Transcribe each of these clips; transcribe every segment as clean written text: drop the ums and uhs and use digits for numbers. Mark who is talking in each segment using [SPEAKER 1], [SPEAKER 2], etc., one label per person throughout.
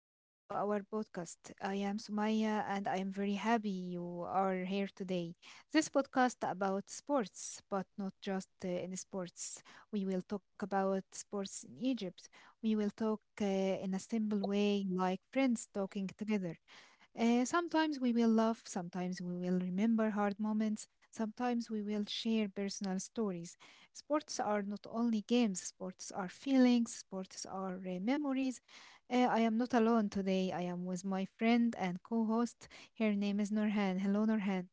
[SPEAKER 1] welcome to our podcast. I am Sumaya, and I am very happy you are here today. This podcast about sports, but not just in sports. We will talk about sports in Egypt. We will talk in a simple way, like friends talking together. Sometimes we will laugh, sometimes we will remember hard moments, sometimes we will share personal stories. Sports are not only games, sports are feelings, sports are memories. I am not alone today. I am with my friend and co host. Her name is Norhan. Hello, Norhan.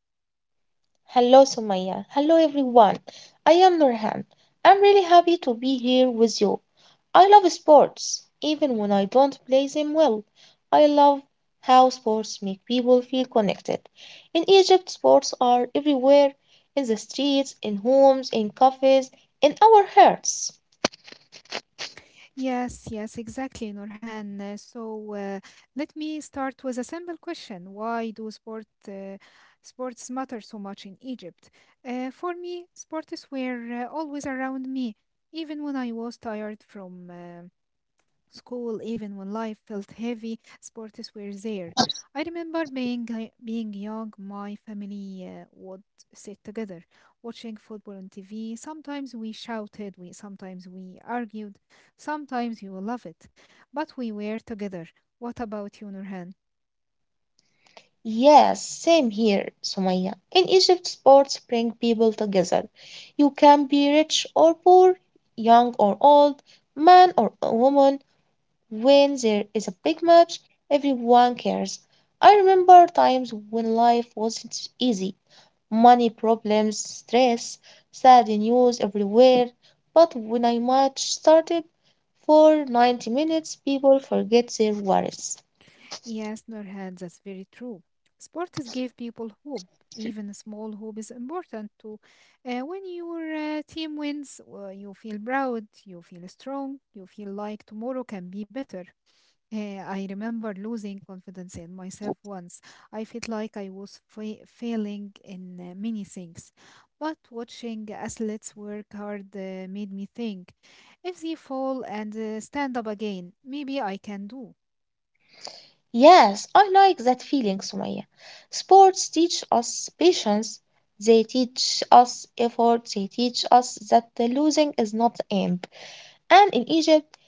[SPEAKER 2] Hello, Sumaya. Hello, everyone. I am Nurhan. I'm really happy to be here with you. I love sports, even when I don't play them well. I love how sports make people feel connected. In Egypt, sports are everywhere in the streets, in homes, in cafes, in our hearts.
[SPEAKER 1] Yes, yes, exactly, Nurhan. So let me start with a simple question. Why do sports matter so much in Egypt? For me, sports were always around me, even when I was tired from school, even when life felt heavy, sports were there. I remember being young, my family would sit together watching football on TV. Sometimes we shouted, we sometimes we argued, sometimes you will love it, but we were together. What about you, Nurhan?
[SPEAKER 2] Yes, same here, Sumaya. In Egypt, sports bring people together. You can be rich or poor, young or old, man or a woman. When there is a big match, everyone cares. I remember times when life wasn't easy money problems, stress, sad news everywhere. But when a match started for 90 minutes, people forget their worries.
[SPEAKER 1] Yes, Nurhan, that's very true. Sports give people hope. Even a small hope is important too. When your team wins, you feel proud, you feel strong, you feel like tomorrow can be better. I remember losing confidence in myself once. I felt like I was failing in many things. But watching athletes work hard made me think if they fall and stand up again, maybe I can do.
[SPEAKER 2] Yes, I like that feeling, Sumaya. Sports teach us patience, they teach us effort, they teach us that the losing is not the end. And in Egypt,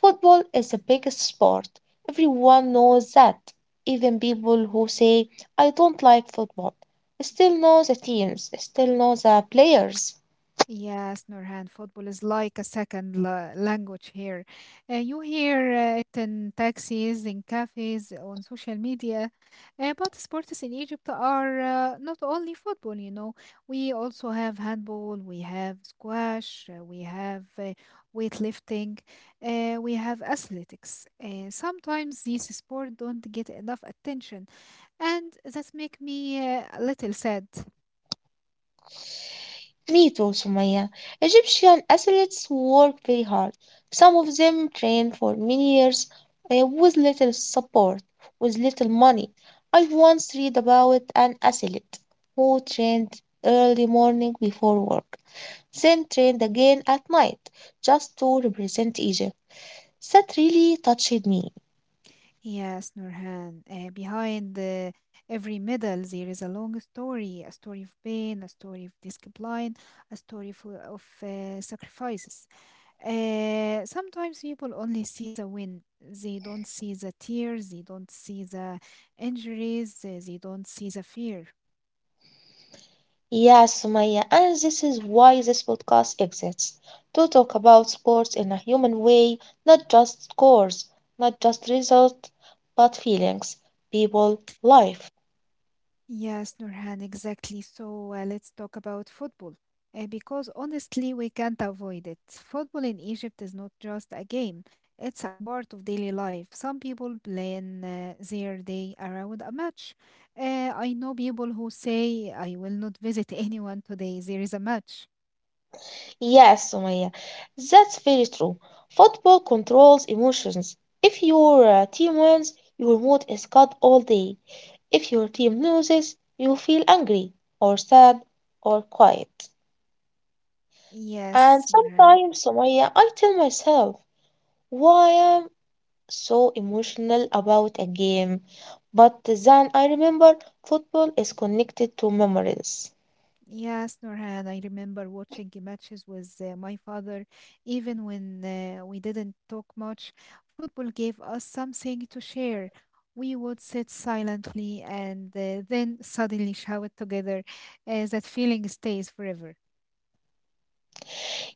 [SPEAKER 2] football is the biggest sport. Everyone knows that. Even people who say, I don't like football, still know the teams, still know the players.
[SPEAKER 1] Yes, Nurhan, football is like a second la language here. You hear it in taxis, in cafes, on social media. But sports in Egypt are not only football, you know. We also have handball, we have squash, we have weightlifting, we have athletics. Sometimes these sports don't get enough attention, and that make me a little sad.
[SPEAKER 2] Me too, Sumaya. Egyptian athletes work very hard. Some of them train for many years with little support, with little money. I once read about an athlete who trained early morning before work, then trained again at night just to represent Egypt. That really touched me.
[SPEAKER 1] Yes, Nurhan, behind every medal there is a long story, a story of pain, a story of discipline, a story of sacrifices. Sometimes people only see the win. They don't see the tears, they don't see the injuries, they don't see the fear.
[SPEAKER 2] Yes, Sumaya, and this is why this podcast exists to talk about sports in a human way, not just scores, not just results, but feelings, people, life.
[SPEAKER 1] Yes, Nurhan, exactly. Let's talk about football. Because honestly, we can't avoid it. Football in Egypt is not just a game, it's a part of daily life. Some people plan their day around a match. I know people who say, I will not visit anyone today, there is a match.
[SPEAKER 2] Yes, Sumaya, that's very true. Football controls emotions. If your team wins, your mood is good all day. If your team loses, you feel angry or sad or quiet. And
[SPEAKER 1] Yes,
[SPEAKER 2] sometimes, Sumaya, I tell myself why I'm so emotional about a game. But then I remember football is connected to memories.
[SPEAKER 1] yes, Nurhan, I remember watching the matches with my father. Even when we didn't talk much, football gave us something to share. We would sit silently and then suddenly shout together. That feeling stays forever.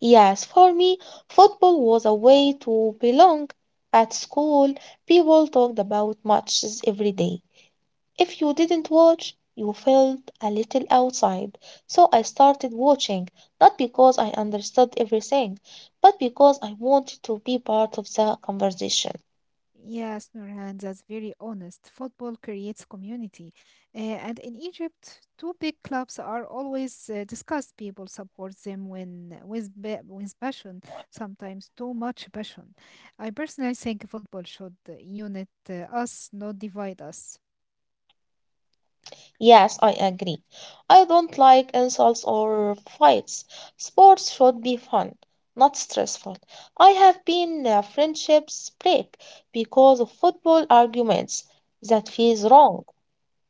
[SPEAKER 2] Yes, for me, football was a way to belong. At school, people talked about matches every day. If you didn't watch, you felt a little outside. So I started watching, not because I understood everything, but because I wanted to be part of the conversation.
[SPEAKER 1] Yes, Nurhan, that's very honest. Football creates community. And in Egypt, two big clubs are always discussed. People support them with passion, sometimes too much passion. I personally think football should unite us, not divide us.
[SPEAKER 2] Yes, I agree. I don't like insults or fights. Sports should be fun, not stressful. I have been friendships break because of football arguments. That feels wrong.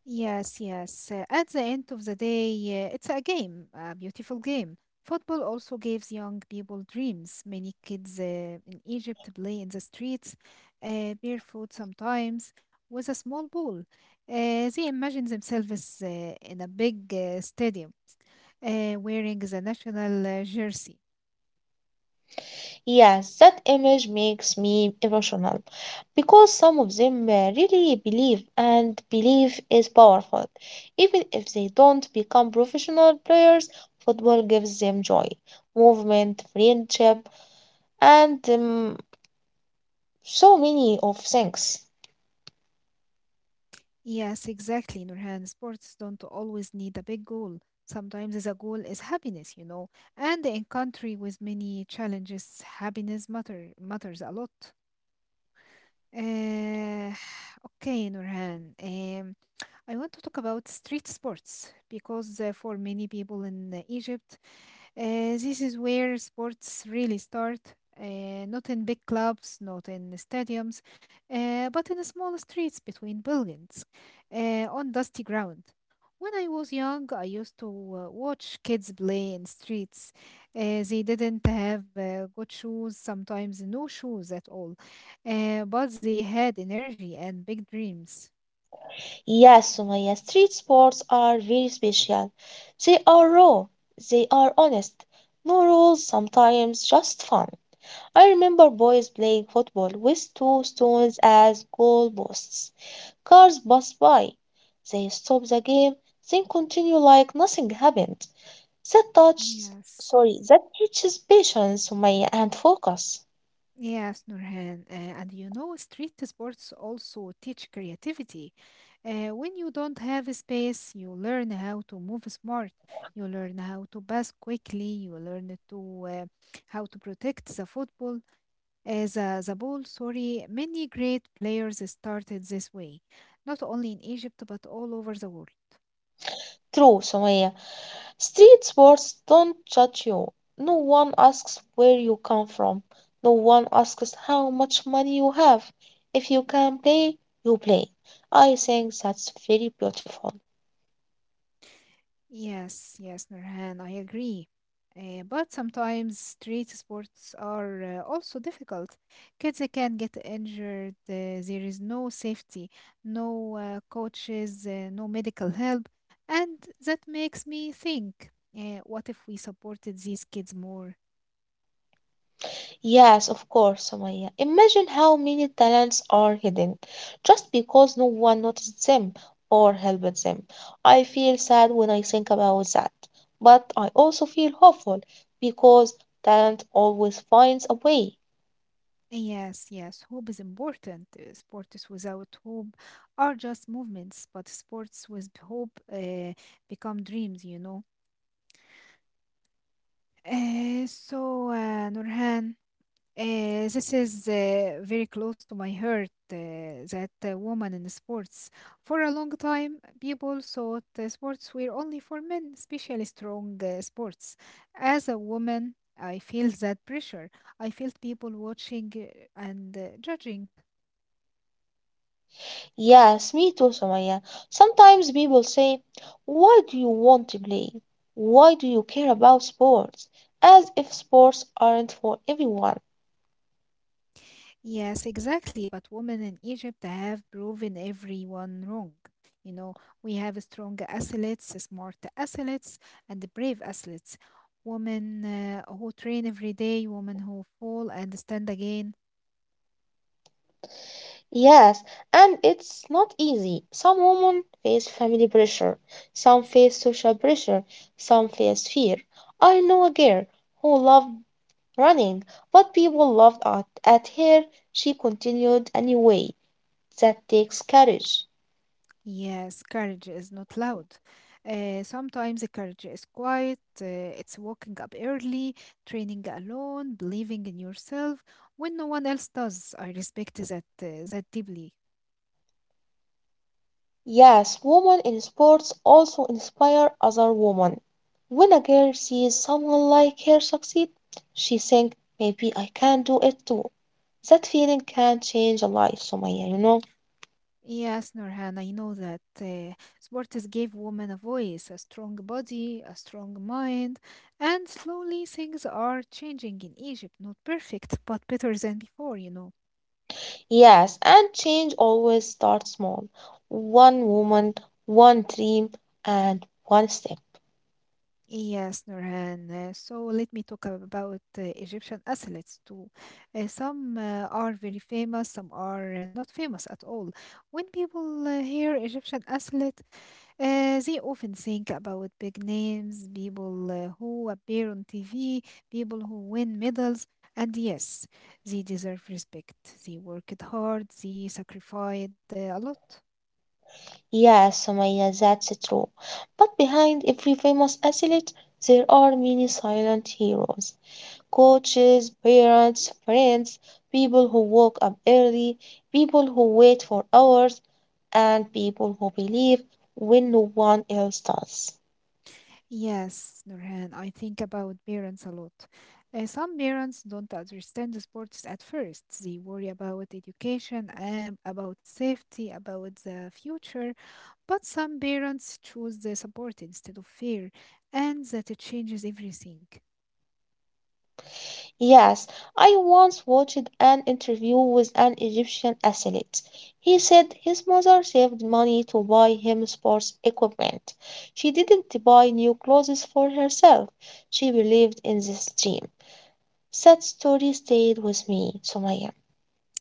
[SPEAKER 1] Yes, yes. At the end of the day, it's a game, a beautiful game. Football also gives young people dreams. Many kids in Egypt play in the streets, barefoot sometimes, with a small ball. They imagine themselves in a big stadium, wearing the national jersey.
[SPEAKER 2] Yes, that image makes me emotional because some of them really believe, and belief is powerful. Even if they don't become professional players, football gives them joy, movement, friendship, and so many of things.
[SPEAKER 1] Yes, exactly, Nurhan. Sports don't always need a big goal. Sometimes the goal is happiness, you know. And in country with many challenges, happiness matters a lot. Uh, okay, Nurhan. I want to talk about street sports because for many people in Egypt, this is where sports really start. Not in big clubs, not in stadiums, but in small streets between buildings, on dusty ground. When I was young, I used to watch kids play in streets. They didn't have good shoes, sometimes no shoes at all, but they had energy and big dreams.
[SPEAKER 2] Yes, Sumaya, street sports are very special. They are raw, they are honest, no rules, sometimes just fun. I remember boys playing football with two stones as goalposts. Cars pass by. They stop the game, then continue like nothing happened. That touch,
[SPEAKER 1] Yes.
[SPEAKER 2] sorry, that teaches patience, Sumaya, and focus.
[SPEAKER 1] Yes, Nurhan, and you know, street sports also teach creativity. When you don't have a space, you learn how to move smart. You learn how to pass quickly. You learn to how to protect the football. As a the ball, sorry, many great players started this way, not only in Egypt but all over the world.
[SPEAKER 2] True, Sumaya. Street swords don't judge you. No one asks where you come from. No one asks how much money you have. If you can play, you play. I think that's very beautiful.
[SPEAKER 1] Yes, yes, Nurhan, I agree. But sometimes street sports are also difficult. Kids can get injured. There is no safety, no coaches, no medical help. And that makes me think, what if we supported these kids more?
[SPEAKER 2] Yes, of course, Sumaya. Imagine how many talents are hidden just because no one noticed them or helped them. I feel sad when I think about that, but I also feel hopeful because talent always finds a way.
[SPEAKER 1] Yes, yes, hope is important. Sports without hope are just movements, but sports with hope become dreams, you know. Nurhan, this is very close to my heart that women in sports. For a long time, people thought sports were only for men, especially strong sports. As a woman, I feel that pressure. I felt people watching and judging.
[SPEAKER 2] Yes, me too, Samaya. Sometimes people say, why do you want to play? Why do you care about sports? As if sports aren't for everyone.
[SPEAKER 1] Yes, exactly. But women in Egypt have proven everyone wrong. You know, we have strong athletes, smart athletes, and brave athletes. Women who train every day, women who fall and stand again.
[SPEAKER 2] Yes, and it's not easy. Some women face family pressure, some face social pressure, some face fear. I know a girl who loved running, but people laughed at her. She continued anyway. That takes courage.
[SPEAKER 1] Yes, courage is not loud. Sometimes the courage is quiet. It's waking up early, training alone, believing in yourself when no one else does. I respect that deeply.
[SPEAKER 2] Yes, women in sports also inspire other women. When a girl sees someone like her succeed, she thinks, maybe I can do it too. That feeling can change a life, Somaya, you know?
[SPEAKER 1] Yes, Nurhan, I know that sports gave women a voice, a strong body, a strong mind, and slowly things are changing in Egypt. Not perfect, but better than before, you know.
[SPEAKER 2] Yes, and change always starts small. One woman, one dream, and one step.
[SPEAKER 1] Yes, Nurhan. So let me talk about Egyptian athletes too. Some are very famous, some are not famous at all. When people hear Egyptian athlete, they often think about big names, people who appear on TV, people who win medals, and yes, they deserve respect. They worked hard, they sacrificed a lot.
[SPEAKER 2] Yes, Somaya, that's true. But behind every famous athlete, there are many silent heroes: coaches, parents, friends, people who woke up early, people who wait for hours, and people who believe when no one else does.
[SPEAKER 1] Yes, Nurhan, I think about parents a lot. Some parents don't understand the sports at first. They worry about education, about safety, about the future. But some parents choose the support instead of fear, and that it changes everything.
[SPEAKER 2] Yes, I once watched an interview with an Egyptian athlete. He said his mother saved money to buy him sports equipment. She didn't buy new clothes for herself. She believed in this dream. That story stayed with me, Sumaya.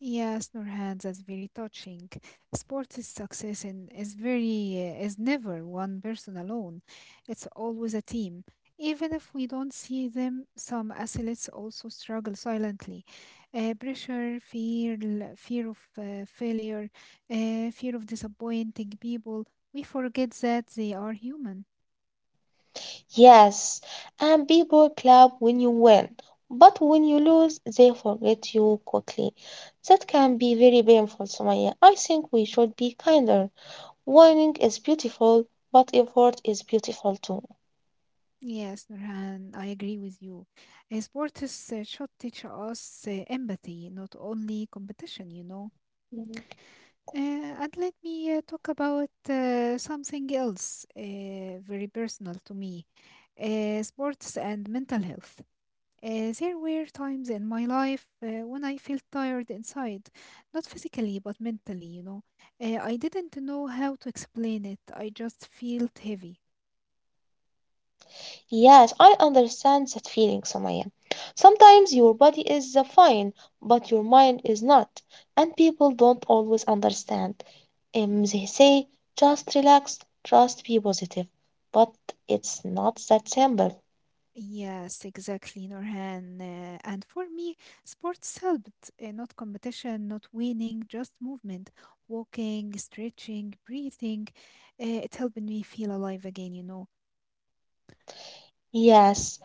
[SPEAKER 1] Yes, Nurhan, that's very touching. Sports is success and is never one person alone. It's always a team. Even if we don't see them, some athletes also struggle silently. Pressure, fear, fear of failure, fear of disappointing people. We forget that they are human.
[SPEAKER 2] Yes, and people clap when you win, but when you lose, they forget you quickly. That can be very painful, Sumaya. I think we should be kinder. Winning is beautiful, but effort is beautiful too.
[SPEAKER 1] Yes, Nurhan, I agree with you. Sports should teach us empathy, not only competition. You know. Uh, and let me talk about something else very personal to me, sports and mental health. There were times in my life when I felt tired inside, not physically, but mentally, you know. I didn't know how to explain it, I just felt heavy.
[SPEAKER 2] Yes, I understand that feeling, Somaya. Sometimes your body is fine, but your mind is not, and people don't always understand. They say, just relax, just be positive, but it's not that simple.
[SPEAKER 1] Yes, exactly, Norhan. And for me, sports helped, not competition, not winning, just movement, walking, stretching, breathing. It helped me feel alive again, you know.
[SPEAKER 2] Yes,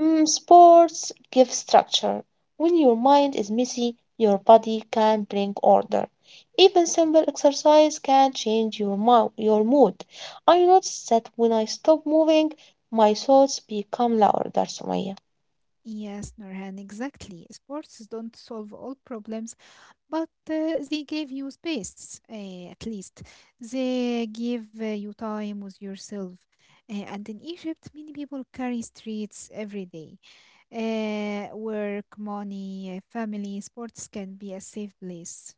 [SPEAKER 2] mm, sports give structure. When your mind is messy, your body can bring order. Even simple exercise can change your your mood. I noticed that when I stop moving, my thoughts become louder, Sumaya.
[SPEAKER 1] Yes, Norhan, exactly. Sports don't solve all problems, but they gave you space, at least. They give you time with yourself. And in Egypt, many people carry streets every day. Work, money, family, sports can be a safe place.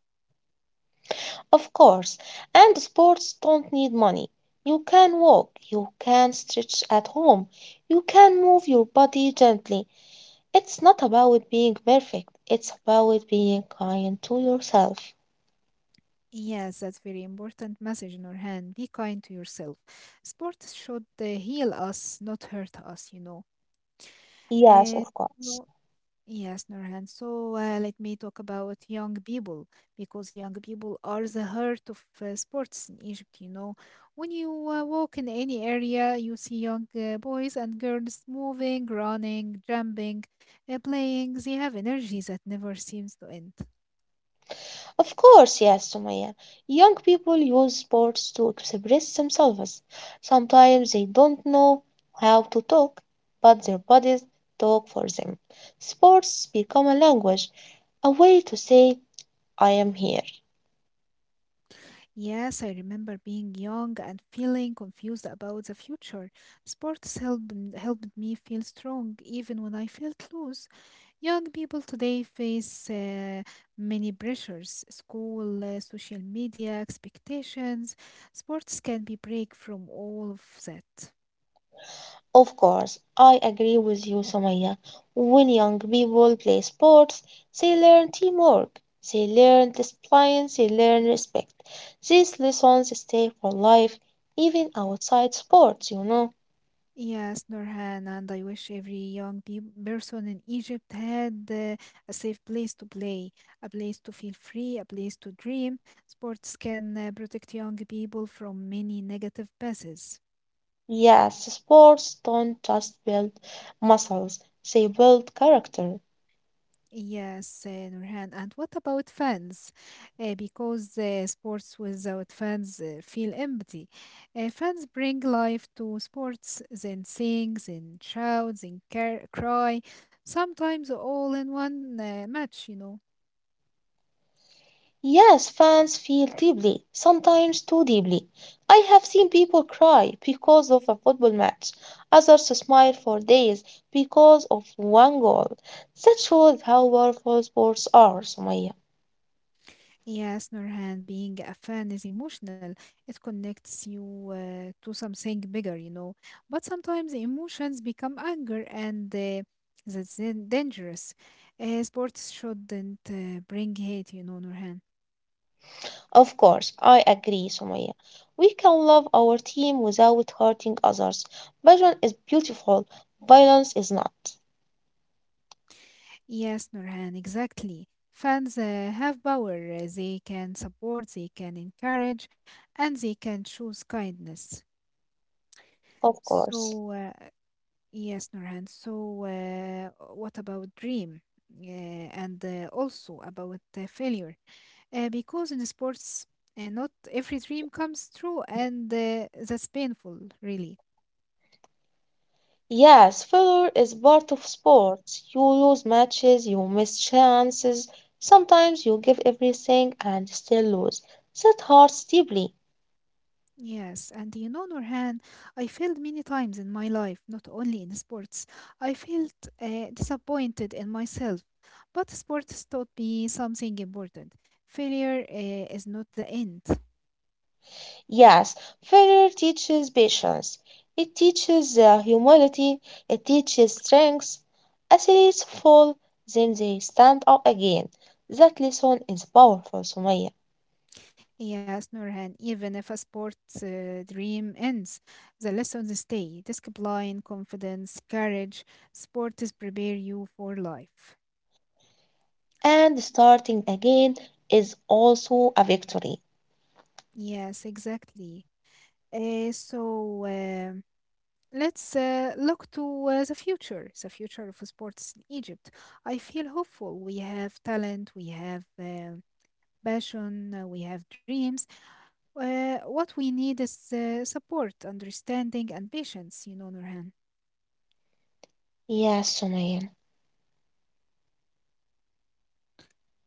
[SPEAKER 2] Of course, and sports don't need money. You can walk, you can stretch at home, you can move your body gently. It's not about being perfect, it's about being kind to yourself.
[SPEAKER 1] Yes, that's very important message, Nurhan. Be kind to yourself. Sports should heal us, not hurt us, you know.
[SPEAKER 2] Yes,
[SPEAKER 1] Uh,
[SPEAKER 2] of course.
[SPEAKER 1] Yes, Nurhan. So let me talk about young people because young people are the heart of sports in Egypt. You know, when you walk in any area, you see young boys and girls moving, running, jumping, playing. They have energy that never seems to end.
[SPEAKER 2] Of course, yes, Sumaya. Young people use sports to express themselves. Sometimes they don't know how to talk, but their bodies talk for them. Sports become a language, a way to say, I am here.
[SPEAKER 1] Yes, I remember being young and feeling confused about the future. Sports helped me feel strong even when I felt loose. Young people today face many pressures school, social media, expectations. Sports can be break from all of that.
[SPEAKER 2] Of course, I agree with you, Somaya. When young people play sports, they learn teamwork, they learn discipline, they learn respect. These lessons stay for life, even outside sports, you know.
[SPEAKER 1] Yes, Norhan, and I wish every person in Egypt had a safe place to play, a place to feel free, a place to dream. Sports can protect young people from many negative passes.
[SPEAKER 2] Yes, sports don't just build muscles, they build character.
[SPEAKER 1] Yes, Nurhan. And what about fans? Because sports without fans feel empty. Fans bring life to sports, then sing, then shout, cry, sometimes all in one match, you know.
[SPEAKER 2] Yes, fans feel deeply, sometimes too deeply. I have seen people cry because of a football match, others smile for days because of one goal. That shows how powerful sports are, Sumaya.
[SPEAKER 1] Yes, Nurhan, being a fan is emotional. It connects you to something bigger, you know. But sometimes emotions become anger, and that's dangerous. Sports shouldn't bring hate, you know, Nurhan.
[SPEAKER 2] Of course, I agree, Sumaya. We can love our team without hurting others. Passion is beautiful, violence is not.
[SPEAKER 1] Yes, Nurhan, exactly. Fans have power. They can support, they can encourage, and they can choose kindness.
[SPEAKER 2] Of course.
[SPEAKER 1] So, uh, Yes, Nurhan. So, what about dream? And also about failure. Because in sports, not every dream comes true, and that's painful, really.
[SPEAKER 2] Yes, failure is part of sports. You lose matches, you miss chances. Sometimes you give everything and still lose. That hurts deeply.
[SPEAKER 1] Yes, and you know, Nurhan, I failed many times in my life, not only in sports. I felt disappointed in myself, but sports taught me something important. Failure is not the end.
[SPEAKER 2] Yes, failure teaches patience. It teaches humility. It teaches strength. Athletes fall, then they stand up again. That lesson is powerful, Sumaya.
[SPEAKER 1] Yes, Nurhan, even if a sports dream ends, the lessons stay. Discipline, confidence, courage, sports prepare you for life.
[SPEAKER 2] And starting again is also a victory.
[SPEAKER 1] Yes, exactly. So let's look to the future of sports in Egypt. I feel hopeful. We have talent, we have passion, we have dreams. What we need is support, understanding, and patience, you know, Nurhan.
[SPEAKER 2] Yes, Sumaya.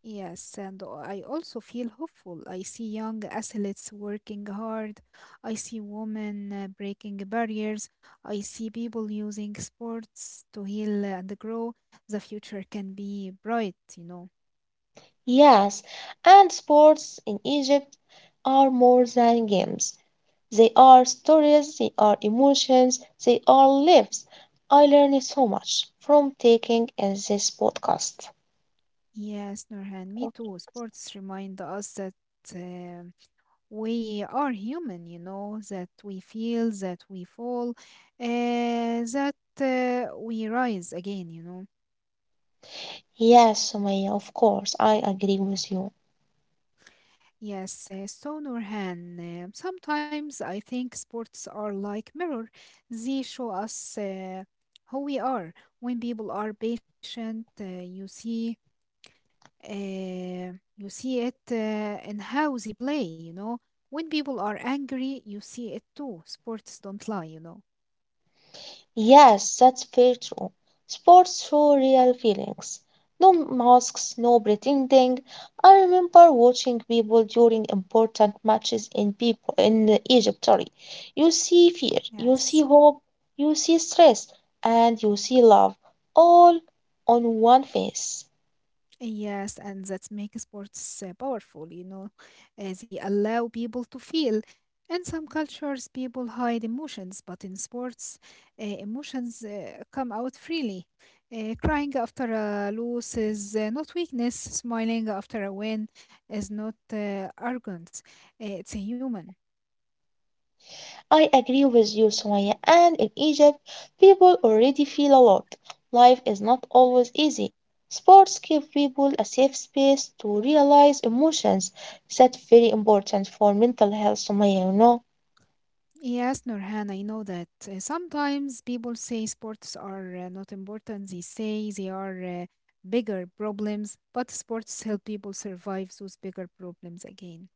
[SPEAKER 1] Yes, and I also feel hopeful. I see young athletes working hard. I see women breaking barriers. I see people using sports to heal and grow. The future can be bright, you know.
[SPEAKER 2] Yes, and sports in Egypt are more than games. They are stories, they are emotions, they are lives. I learned so much from taking in this podcast.
[SPEAKER 1] Yes, Nurhan, me too. Sports remind us that um we are human, you know, that we feel, that we fall, that we rise again, you know.
[SPEAKER 2] Yes, Sumaya, of course, I agree with you.
[SPEAKER 1] Yes, so Nurhan, sometimes I think sports are like mirror. They show us who we are. When people are patient, uh, you see it in how they play. You know, when people are angry, you see it too. Sports don't lie. You know.
[SPEAKER 2] Yes, that's very true. Sports show real feelings. No masks, no pretending. I remember watching people during important matches in people in Egypt, sorry. You see fear, you see
[SPEAKER 1] Yes.
[SPEAKER 2] hope, you see stress, and you see love, all on one face.
[SPEAKER 1] Yes, and that makes sports powerful, you know. They allow people to feel. In some cultures, people hide emotions, but in sports, emotions come out freely. Crying after a loss is not weakness, smiling after a win is not arrogance, it's a human.
[SPEAKER 2] I agree with you, Sumaya. And in Egypt, people already feel a lot. Life is not always easy. Sports give people a safe space to realize emotions. That's very important for mental health, Sumaya, you know.
[SPEAKER 1] Yes, Nurhan, I know that. Sometimes people say sports are not important. They say they are bigger problems, but sports help people survive those bigger problems again.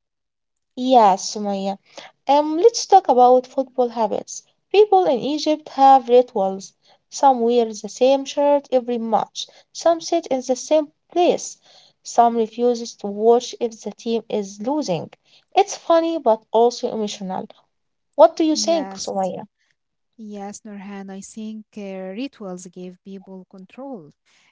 [SPEAKER 2] Yeah, Sumaya. Let's talk about football habits. People in Egypt have rituals. Some wear the same shirt every match. Some sit in the same place. Some refuses to watch if the team is losing. It's funny but also emotional. What do you think,
[SPEAKER 1] Yes,
[SPEAKER 2] Sumaya?
[SPEAKER 1] yes, Nurhan, I think rituals give people control.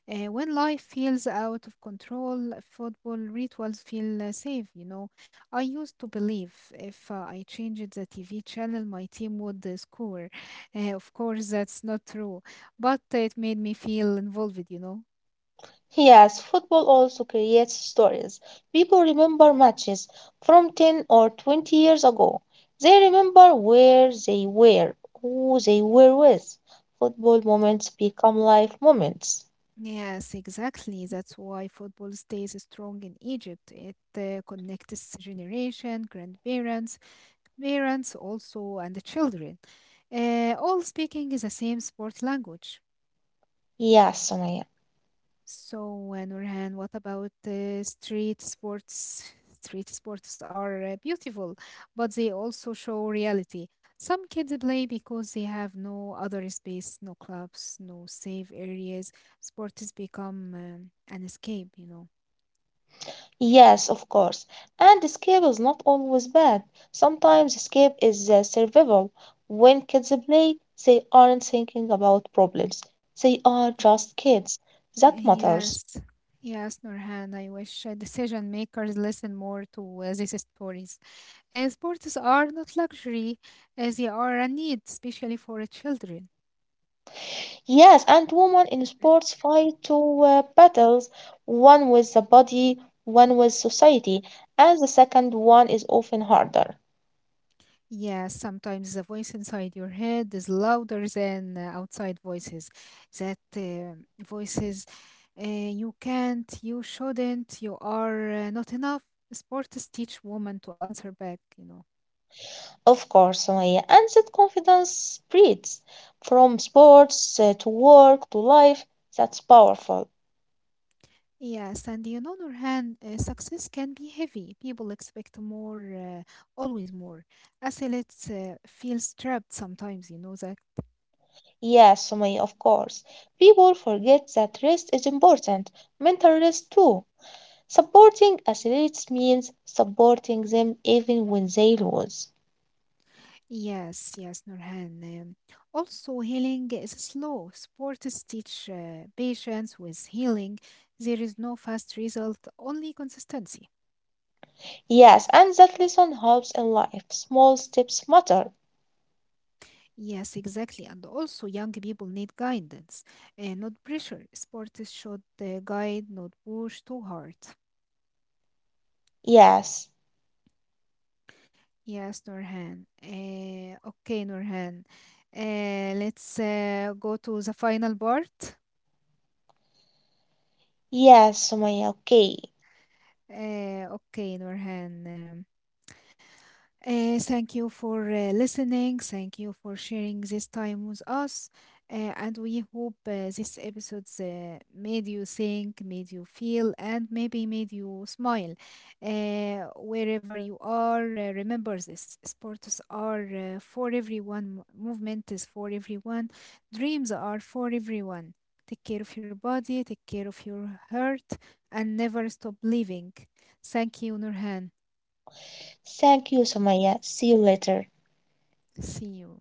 [SPEAKER 1] When life feels out of control, football rituals feel safe, you know. I used to believe if I changed the TV channel, my team would score. Of course, that's not true, but it made me feel involved, you know.
[SPEAKER 2] Yes, football also creates stories. People remember matches from 10 or 20 years ago. They remember where they were, who they were with. Football moments become life moments.
[SPEAKER 1] Yes, exactly. That's why football stays strong in Egypt. It connects generation, grandparents, parents also and the children, all speaking the same sport language.
[SPEAKER 2] Yes, Sumaya.
[SPEAKER 1] So, Nurhan, what about street sports? Street sports are beautiful, but they also show reality. Some kids play because they have no other space, no clubs, no safe areas. Sport has become an escape, you know.
[SPEAKER 2] Yes, of course. And escape is not always bad. Sometimes escape is survival. When kids play, they aren't thinking about problems. They are
[SPEAKER 1] Y-
[SPEAKER 2] just kids. That matters.
[SPEAKER 1] Yes, yes, Nurhan. I wish decision makers listen more to these stories. Sports are not luxury, they are a need, especially for children.
[SPEAKER 2] Yes, and women in
[SPEAKER 1] Mm.
[SPEAKER 2] sports fight two battles, one with the body, one with society, and the second one is often harder.
[SPEAKER 1] Yeah, sometimes the voice inside your head is louder than outside voices. That uh, voices, you can't, you shouldn't, you are not enough. Sports teach women to answer back, you know.
[SPEAKER 2] Of course, Sumaya, and that confidence spreads from sports to work to life. That's powerful.
[SPEAKER 1] Yes, and on the other hand, success can be heavy. People expect more, always more. Athletes feel trapped sometimes, you know that.
[SPEAKER 2] Yes, Sumaya, of course. People forget that rest is important, mental rest too. Supporting athletes means supporting them even when they lose.
[SPEAKER 1] Yes, yes, Nurhan. Also, healing is slow. Sports teach patience with healing. There is no fast result, only consistency.
[SPEAKER 2] Yes, and that lesson helps in life. Small steps matter.
[SPEAKER 1] Yes, exactly. And also, young people need guidance, not pressure. Sports should guide, not push too hard.
[SPEAKER 2] Yes,
[SPEAKER 1] Yes, Nurhan. Okay, Nurhan. Let's go to the final part.
[SPEAKER 2] yes, Sumaya. Okay.
[SPEAKER 1] Okay, Nurhan. Thank you for listening. Thank you for sharing this time with us. And we hope this episode made you think, made you feel, and maybe made you smile. Wherever you are, remember this sports are for everyone, movement is for everyone, dreams are for everyone. Take care of your body, take care of your heart, and never stop living. Thank you, Nurhan.
[SPEAKER 2] Thank you, Sumaya. See you later.
[SPEAKER 1] See you.